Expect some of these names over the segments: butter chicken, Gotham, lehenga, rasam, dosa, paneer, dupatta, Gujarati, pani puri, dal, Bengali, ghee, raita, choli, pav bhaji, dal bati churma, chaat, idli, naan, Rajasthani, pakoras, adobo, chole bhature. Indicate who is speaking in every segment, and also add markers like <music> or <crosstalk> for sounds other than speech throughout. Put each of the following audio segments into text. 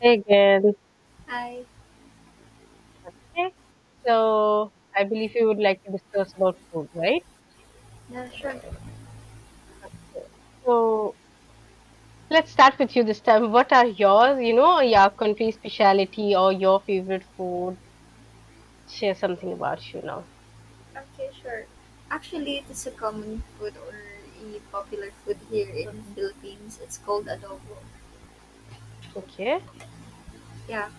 Speaker 1: Hey again.
Speaker 2: Hi.
Speaker 1: Okay. So I believe you would like to discuss about food, right?
Speaker 2: Yeah, sure.
Speaker 1: So let's start with you this time. What are yours, your country speciality or your favorite food? Share something about you now.
Speaker 2: Okay, sure. Actually, it is a common food or a popular food here in the
Speaker 1: Hmm.
Speaker 2: Philippines. It's called adobo.
Speaker 1: Okay.
Speaker 2: Yeah,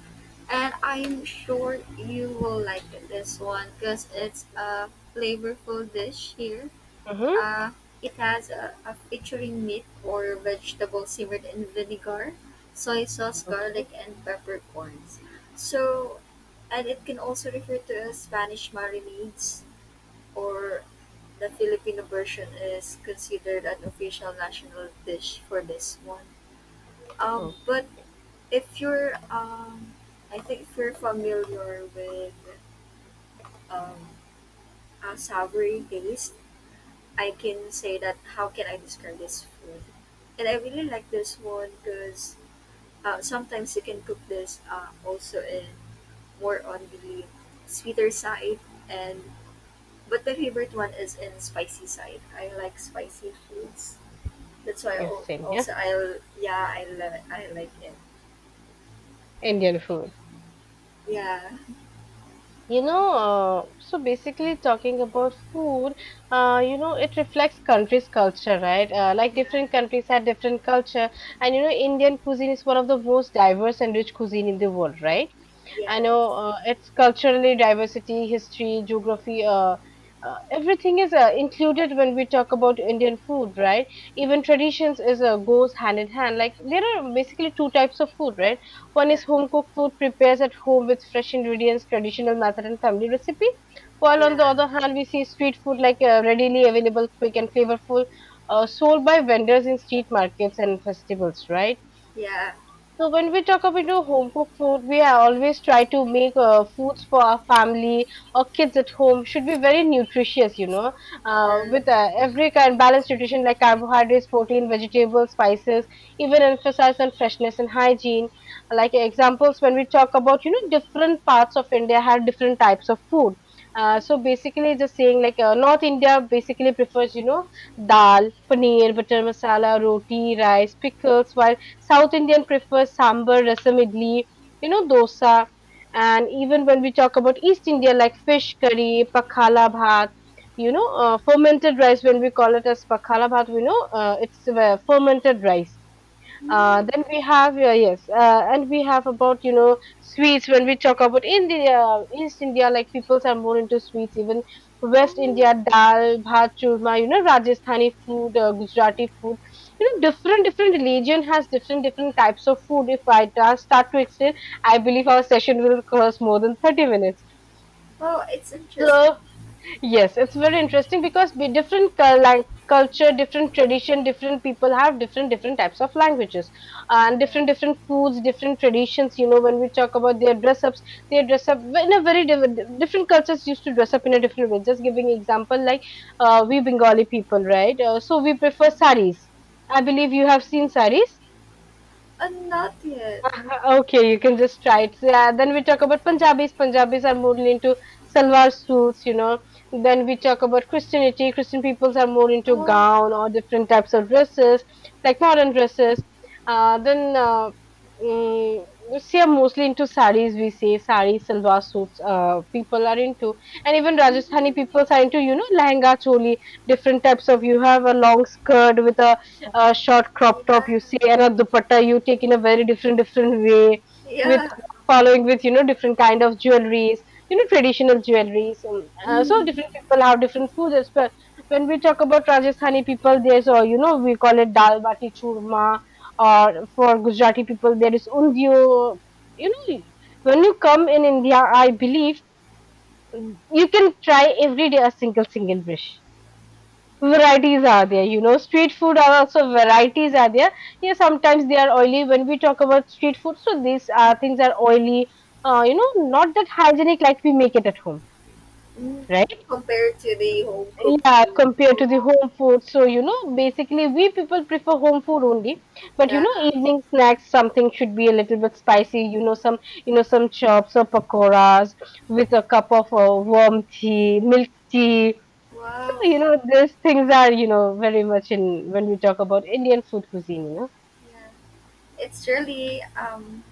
Speaker 2: and I'm sure you will like this one because it's a flavorful dish here.
Speaker 1: Mm-hmm.
Speaker 2: Uh, it has a featuring meat or vegetable simmered in vinegar, soy sauce, garlic,
Speaker 1: Okay.
Speaker 2: and peppercorns. So, and it can also refer to as Spanish marinades or the Filipino version is considered an official national dish for this one. Um,
Speaker 1: Oh,
Speaker 2: but if you're, I think if you're familiar with um, a savory taste, I can say that how can I describe this food? And I really like this one because sometimes you can cook this also in more on the sweeter side and but my favorite one is in spicy side. I like spicy foods. That's why
Speaker 1: yes, same here.
Speaker 2: also I yeah, I love it. I like it.
Speaker 1: Indian food.
Speaker 2: Yeah,
Speaker 1: You know, so basically talking about food, you know, it reflects country's culture, right? Like
Speaker 2: yeah,
Speaker 1: different countries have different culture, and you know, Indian cuisine is one of the most diverse and rich cuisine in the world, right? I
Speaker 2: yeah,
Speaker 1: know it's culturally diversity, history, geography, everything is included when we talk about Indian food, right? Even traditions is goes hand in hand. Like there are basically two types of food, right? One
Speaker 2: yeah,
Speaker 1: is home cooked food prepares at home with fresh ingredients, traditional method, and family recipe. While on the
Speaker 2: yeah,
Speaker 1: other hand, we see street food like readily available, quick and flavorful, sold by vendors in street markets and festivals, right?
Speaker 2: yeah.
Speaker 1: So when we talk about you know, home cooked food, we are always try to make foods for our family or kids at home should be very nutritious, you know,
Speaker 2: Um.
Speaker 1: with every kind balanced nutrition like carbohydrates, protein, vegetables, spices, even emphasize on freshness and hygiene. Like examples, when we talk about you know different parts of India have different types of food. So basically, just saying like North India basically prefers you know dal, paneer, butter masala, roti, rice, pickles, while South Indian prefers sambar, rasam, idli, you know, dosa. And even when we talk about East India, like fish curry, pakhala bhat, you know, fermented rice, when we call it as pakhala bhat, we know it's fermented rice,
Speaker 2: mm,
Speaker 1: then we have yes, and we have about you know sweets when we talk about India, East India, like people are more into sweets. Even West
Speaker 2: oh,
Speaker 1: India, dal, bhat, churma, you know Rajasthani food, Gujarati food. You know different different religion has different different types of food. If I start to explain, I believe our session will cost more than 30 minutes.
Speaker 2: oh, it's interesting.
Speaker 1: So yes, it's very interesting because be different culture, different tradition, different people have different different types of languages and
Speaker 2: Yeah,
Speaker 1: different different foods, different traditions. You know, when we talk about their dress ups, they dress up in a very different cultures used to dress up in a different way. Just giving example, like we Bengali people, right? So we prefer saris. I believe you have seen saris.
Speaker 2: and not yet.
Speaker 1: <laughs> Okay, you can just try it. So, yeah, then we talk about Punjabis. Punjabis are more into salwar suits, you know. Then we talk about Christianity. Christian peoples are more into
Speaker 2: Oh,
Speaker 1: gown or different types of dresses, like modern dresses. Uh, then uh, mm, see, are mostly into saris. We say saris, salwar suits. People are into, and even Rajasthani
Speaker 2: mm,
Speaker 1: people are into, you know, lehenga, choli, different types of. You have a long skirt with a short crop top
Speaker 2: yeah,
Speaker 1: you see and a dupatta you take in a very different different way with
Speaker 2: yeah.
Speaker 1: following with you know different kind of jewelries, you know traditional jewelries, so
Speaker 2: Mm,
Speaker 1: different people have different foods as well. When we talk about rajasthani people there's or you know we call it dal bati churma, or for gujarati people there is undio, you know. When you come in india, I believe you can try every day a single single dish. Varieties are there, you know street food are also
Speaker 2: yeah.
Speaker 1: varieties are there. Yeah, sometimes they are oily. When we talk about street food, so these things are oily, you know not that hygienic like we make it at home,
Speaker 2: Mm.
Speaker 1: right?
Speaker 2: Compared to the home cooked
Speaker 1: Yeah,
Speaker 2: food.
Speaker 1: compared to the
Speaker 2: Oh,
Speaker 1: home food. So you know basically we people prefer home food only, but you
Speaker 2: yeah.
Speaker 1: know evening snacks something should be a little bit spicy, you know some, you know some chops or pakoras with a cup of warm tea, milk tea. So,
Speaker 2: Wow.
Speaker 1: you know, these things are, you know, very much in when we talk about Indian food cuisine, you know.
Speaker 2: Yeah. It's really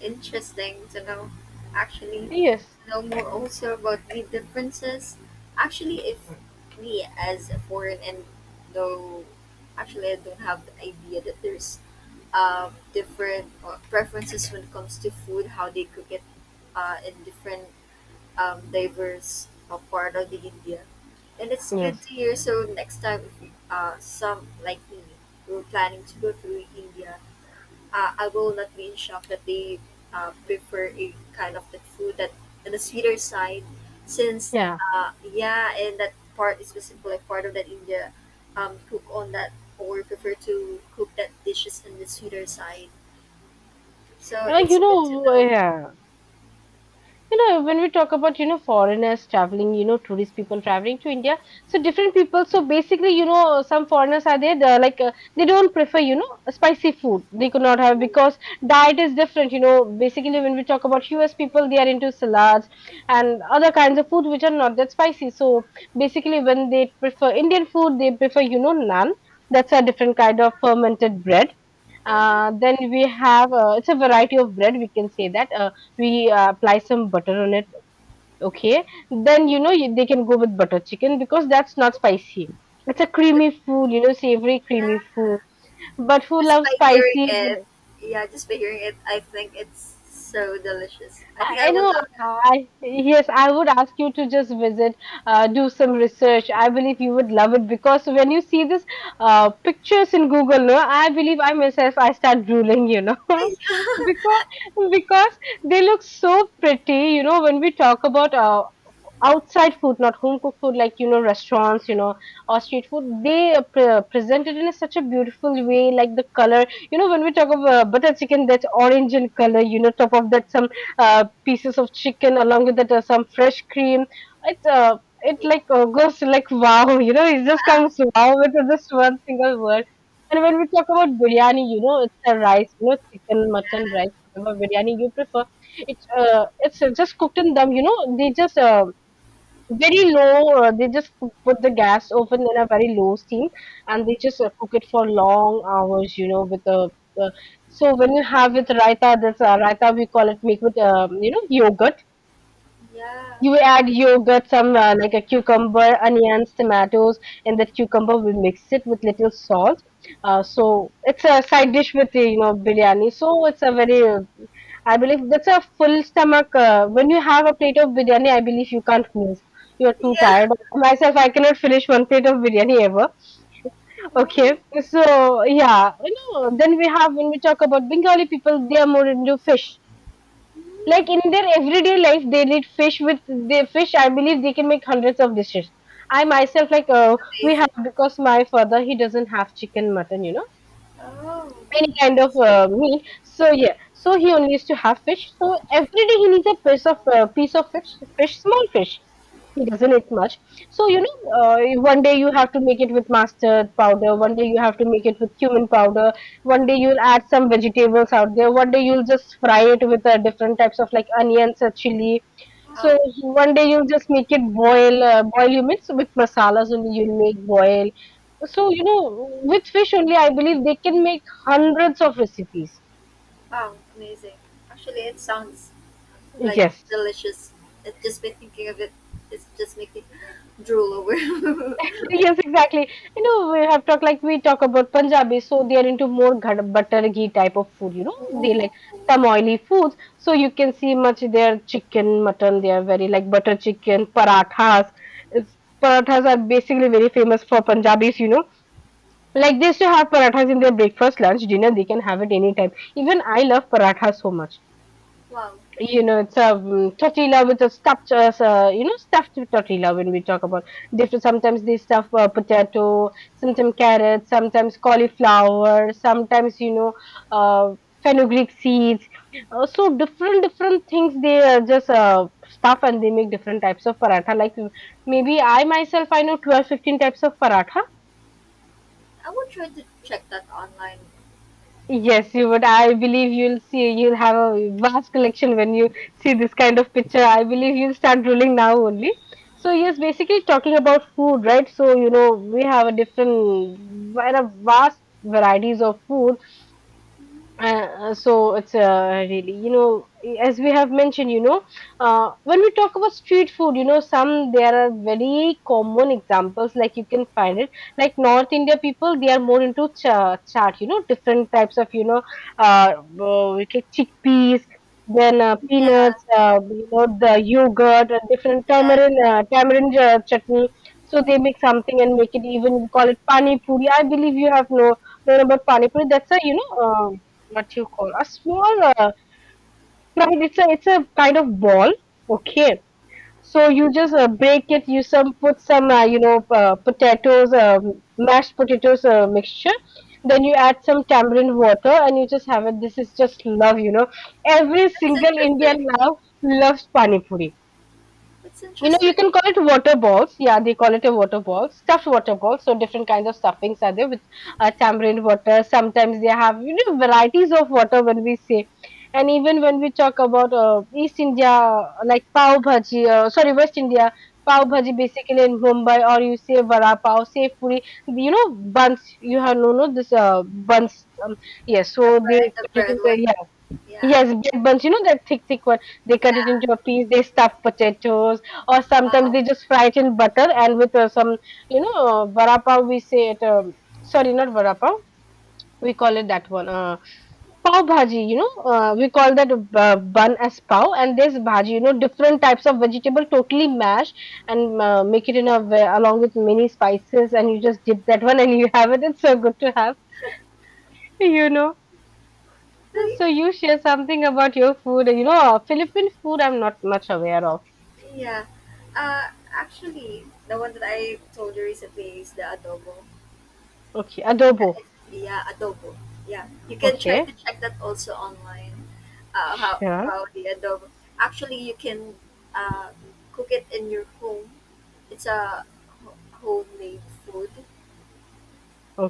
Speaker 2: interesting to know, actually,
Speaker 1: Yes.
Speaker 2: to know more also about the differences. Actually, if me as a foreign and no, actually, I don't have the idea that there's different preferences when it comes to food, how they cook it in different diverse part of the India. And it's good
Speaker 1: Yes.
Speaker 2: to hear. So next time, if you, some like me, we're planning to go to India I will not be in shock that they prefer a kind of the food that on the sweeter side, since
Speaker 1: Yeah.
Speaker 2: yeah, and that part is specifically like part of that India cook on that or prefer to cook that dishes on the sweeter side. So it's
Speaker 1: You
Speaker 2: good to
Speaker 1: know,
Speaker 2: know.
Speaker 1: yeah, you know when we talk about you know foreigners traveling, you know tourist people traveling to india. So different people, so basically you know some foreigners are there, they're like they don't prefer you know spicy food, they could not have because diet is different, you know. Basically when we talk about us people they are into salads and other kinds of food which are not that spicy. So basically when they prefer indian food they prefer you know naan, that's a different kind of fermented bread.
Speaker 2: Oh,
Speaker 1: Then we have it's a variety of bread. We can say that we apply some butter on it. Okay, then you know you, they can go with butter chicken because that's not
Speaker 2: oh,
Speaker 1: spicy. It's
Speaker 2: oh,
Speaker 1: a creamy food, you know, savory creamy
Speaker 2: yeah,
Speaker 1: food. But who
Speaker 2: just
Speaker 1: loves
Speaker 2: by hearing
Speaker 1: spicy?
Speaker 2: it, yeah, just by hearing it, I think it's so delicious. I think I
Speaker 1: I
Speaker 2: will
Speaker 1: know.
Speaker 2: love it.
Speaker 1: I, yes, I would ask you to just visit, do some research. I believe you would love it because when you see this pictures in Google, no, I believe I myself I start drooling, you know, <laughs>
Speaker 2: <laughs>
Speaker 1: because because they look so pretty. You know, when we talk about outside food, not home cooked food, like you know, restaurants, you know, or street food, they present it in a, such a beautiful way, like the color. You know, when we talk about butter chicken, that's orange in color. You know, top of that some pieces of chicken along with that some fresh cream. It it like goes to like wow, <laughs> you know, it just comes wow with this one single word. And when we talk about biryani, you know, it's a rice, you know, chicken, mutton, rice, whatever biryani you prefer. It's just cooked in them, you know. They just very low they just put the gas oven in a very low steam and they just cook it for long hours you know with the uh, so when you have with raita, this raita we call it make with you know yogurt.
Speaker 2: Yeah,
Speaker 1: You add yogurt, some like a cucumber, onions, tomatoes, and that cucumber we mix it with little salt. So it's a side dish with the, you know biryani. So it's a very, I believe that's a full stomach. When you have a plate of biryani, I believe you can't move. You're
Speaker 2: yeah,
Speaker 1: too
Speaker 2: yeah.
Speaker 1: tired. Myself, I cannot finish one plate of biryani ever. <laughs>
Speaker 2: Oh,
Speaker 1: Okay, so yeah, you know. Then we have when we talk about Bengali people, they are more into fish, like in their everyday life they need fish. With the fish I believe they can make hundreds of dishes. I myself like we
Speaker 2: amazing.
Speaker 1: have because my father he doesn't have chicken, mutton, you know,
Speaker 2: Oh,
Speaker 1: any
Speaker 2: I
Speaker 1: kind of
Speaker 2: see.
Speaker 1: meat. So yeah, so he only used to have fish. So every day he needs a piece of fish, small fish. He doesn't eat much. So you know, one day you have to make it with mustard powder. One day you have to make it with cumin powder. One day you'll add some vegetables out there. One day you'll just fry it with different types of like onions or chili. So
Speaker 2: Wow,
Speaker 1: one day you'll just make it boil. Boil you mix with masalas only. You'll make boil. So you know, with fish only, I believe they can make hundreds of recipes.
Speaker 2: wow, amazing. Actually, it sounds like
Speaker 1: Yes,
Speaker 2: delicious. It just by thinking of it, it's just making <gasps> drool over. <laughs>
Speaker 1: yes, exactly. You know, we have talked, like we talk about Punjabi, so they are into more ghad, butter ghee type of food. You know, they like
Speaker 2: Oh,
Speaker 1: some oily foods. So you can see much their chicken, mutton. They are very like butter chicken, parathas. It's, parathas are basically very famous for Punjabis. You know, like they used to have parathas in their breakfast, lunch, dinner. They can have it anytime. Even I love parathas so much.
Speaker 2: wow.
Speaker 1: You know, it's a tortilla with a stuffed, you know, stuffed tortilla when we talk about. They have sometimes they stuff potato, sometimes carrots, sometimes cauliflower, sometimes you know, uh, fenugreek seeds. So different different things they just stuff and they make different types of paratha. Like maybe I myself I know 12, 15 types of paratha.
Speaker 2: I will try to check that online.
Speaker 1: Yes, you would. I believe you'll see, you'll have a vast collection when you see this kind of picture. I believe you'll start drooling now only. So, yes, basically talking about food, right? So, you know, we have a different, there are vast varieties of food. So it's really, as we have mentioned, when we talk about street food, some there are very common examples like you can find it. Like North India people, they are more into chaat, you know, different types of, uh, like chickpeas, then
Speaker 2: Yeah,
Speaker 1: peanuts, you know, the yogurt, different
Speaker 2: yeah,
Speaker 1: tamarind chutney. So they make something and make it even we call it pani puri. I believe you have no known about pani puri. That's a what you call a small right it's a kind of ball. Okay, so you just break it, you some put some potatoes, mashed potatoes mixture, then you add some tamarind water and you just have it. This is just love, you know, every
Speaker 2: that's
Speaker 1: single Indian
Speaker 2: interesting.
Speaker 1: now loves pani puri.
Speaker 2: That's
Speaker 1: You know, you
Speaker 2: interesting.
Speaker 1: can call it water balls. Yeah, they call it a water ball, stuffed water ball. So different kinds of stuffings are there with tamarind water. Sometimes they have, you know, varieties of water when we say, and even when we talk about East India, like pav bhaji, sorry, West India, pav
Speaker 2: Mm,
Speaker 1: bhaji, basically in Mumbai, or you say vada pav, say puri. You know, buns. You have no this buns. Yes,
Speaker 2: a
Speaker 1: so they
Speaker 2: bread, a
Speaker 1: put it
Speaker 2: bread one.
Speaker 1: into.
Speaker 2: Yeah,
Speaker 1: Yes, bread buns, you know, that thick one. They cut it
Speaker 2: yeah.
Speaker 1: into a piece, they stuff potatoes, or sometimes
Speaker 2: Wow.
Speaker 1: they just fry it in butter and with some, vada pav, we say it, sorry, not vada pav, we call it that one, pav bhaji, you know, we call that bun as pav, and this bhaji, you know, different types of vegetable totally mash and make it in a way along with many spices, and you just dip that one and you <laughs> have it. It's so good to have, you know.
Speaker 2: I-
Speaker 1: So you share something about your food. You know, Philippine food I'm not much aware of.
Speaker 2: yeah. Actually, the one that I told you recently is the adobo.
Speaker 1: Okay, adobo.
Speaker 2: Yeah, adobo. Yeah, you can try
Speaker 1: Okay,
Speaker 2: to check that also online. Uh, how
Speaker 1: sure.
Speaker 2: how the adobo? Actually, you can uh, cook it in your home. It's a homemade food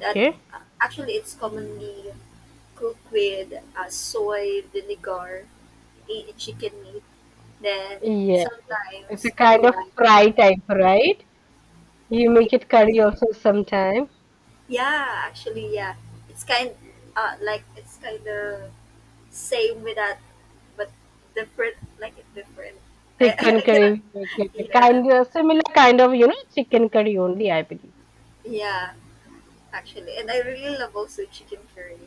Speaker 2: that actually it's commonly cooked with soy vinegar, chicken meat. Then
Speaker 1: Yeah, it's a
Speaker 2: sometimes,
Speaker 1: kind of
Speaker 2: yeah,
Speaker 1: fry type, right? You make it curry also sometime.
Speaker 2: yeah. Actually, yeah, it's kind like it's kind of same with that, but different, like it's different. I, <laughs>
Speaker 1: Chicken
Speaker 2: I
Speaker 1: curry,
Speaker 2: cannot.
Speaker 1: we make it a
Speaker 2: Yeah,
Speaker 1: kind of similar kind of, you know, chicken curry only, I believe.
Speaker 2: yeah, actually, and I really love also chicken curry.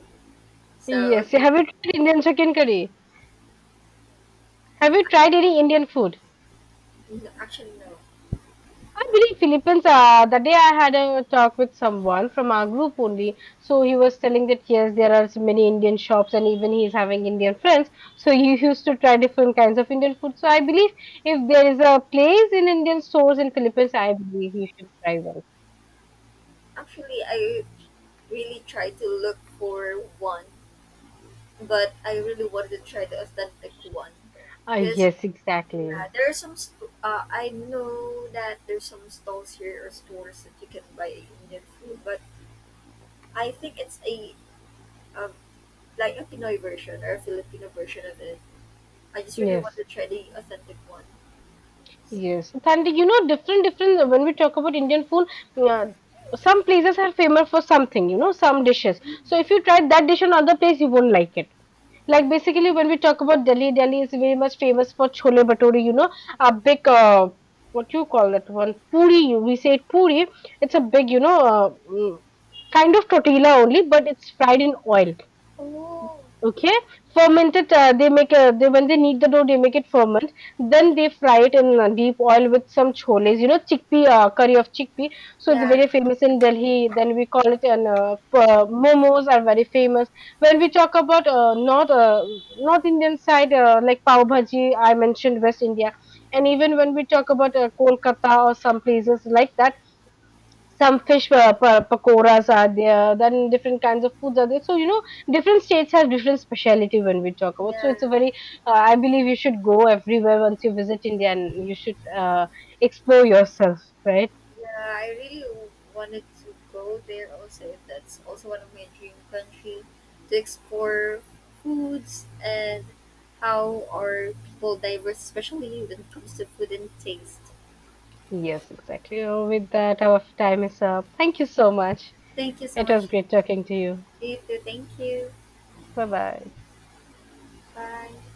Speaker 2: So
Speaker 1: Yes.
Speaker 2: it,
Speaker 1: Have you tried Indian chicken curry? Have you tried any Indian food?
Speaker 2: no, actually no,
Speaker 1: I believe Philippines, the day I had a talk with someone from our group only, so he was telling that yes, there are so many Indian shops and even he is having Indian friends. So he used to try different kinds of Indian food. So I believe if there is a place in Indian stores in Philippines, I believe he should try one.
Speaker 2: actually I really tried to look for one, but I really wanted to try the authentic one because
Speaker 1: Yes, exactly.
Speaker 2: yeah, there are some. I know that there's some stalls here or stores that you can buy Indian food, but I think it's a like a Pinoy version or a Filipino version of it. I just really want
Speaker 1: Yes.
Speaker 2: to try the authentic ones.
Speaker 1: Yes, and you know, different, different. When we talk about Indian food, uh, some places are famous for something, you know, some dishes. So if you try that dish in another place, you won't like it. Like basically, when we talk about Delhi, Delhi is very much famous for chole bhature. You know, a big what you call that one puri. We say it puri. It's a big, you know, kind of tortilla only, but it's fried in oil.
Speaker 2: Oh,
Speaker 1: Okay, ferment it. They, when they knead the dough, they make it ferment. Then they fry it in deep oil with some choles. You know, chickpea curry of chickpea. So it's
Speaker 2: yeah,
Speaker 1: very famous in Delhi. Then we call it an momos are very famous. When we talk about North Indian side, like pav bhaji, I mentioned West India, and even when we talk about Kolkata or some places like that, some fish pakoras are there, then different kinds of foods are there, so you know, different states have different speciality when we talk about, so
Speaker 2: yeah,
Speaker 1: it's a very I believe you should go everywhere once you visit India and you should explore yourself, right?
Speaker 2: yeah. I really wanted to go there also. If that's also one of my dream country to explore foods and how are people diverse, especially when it comes to food and taste.
Speaker 1: Yes, exactly. So with that, our time is up. Thank you so much.
Speaker 2: Thank you so
Speaker 1: It
Speaker 2: much.
Speaker 1: was great talking to you.
Speaker 2: You too. Thank you.
Speaker 1: Bye bye.
Speaker 2: Bye.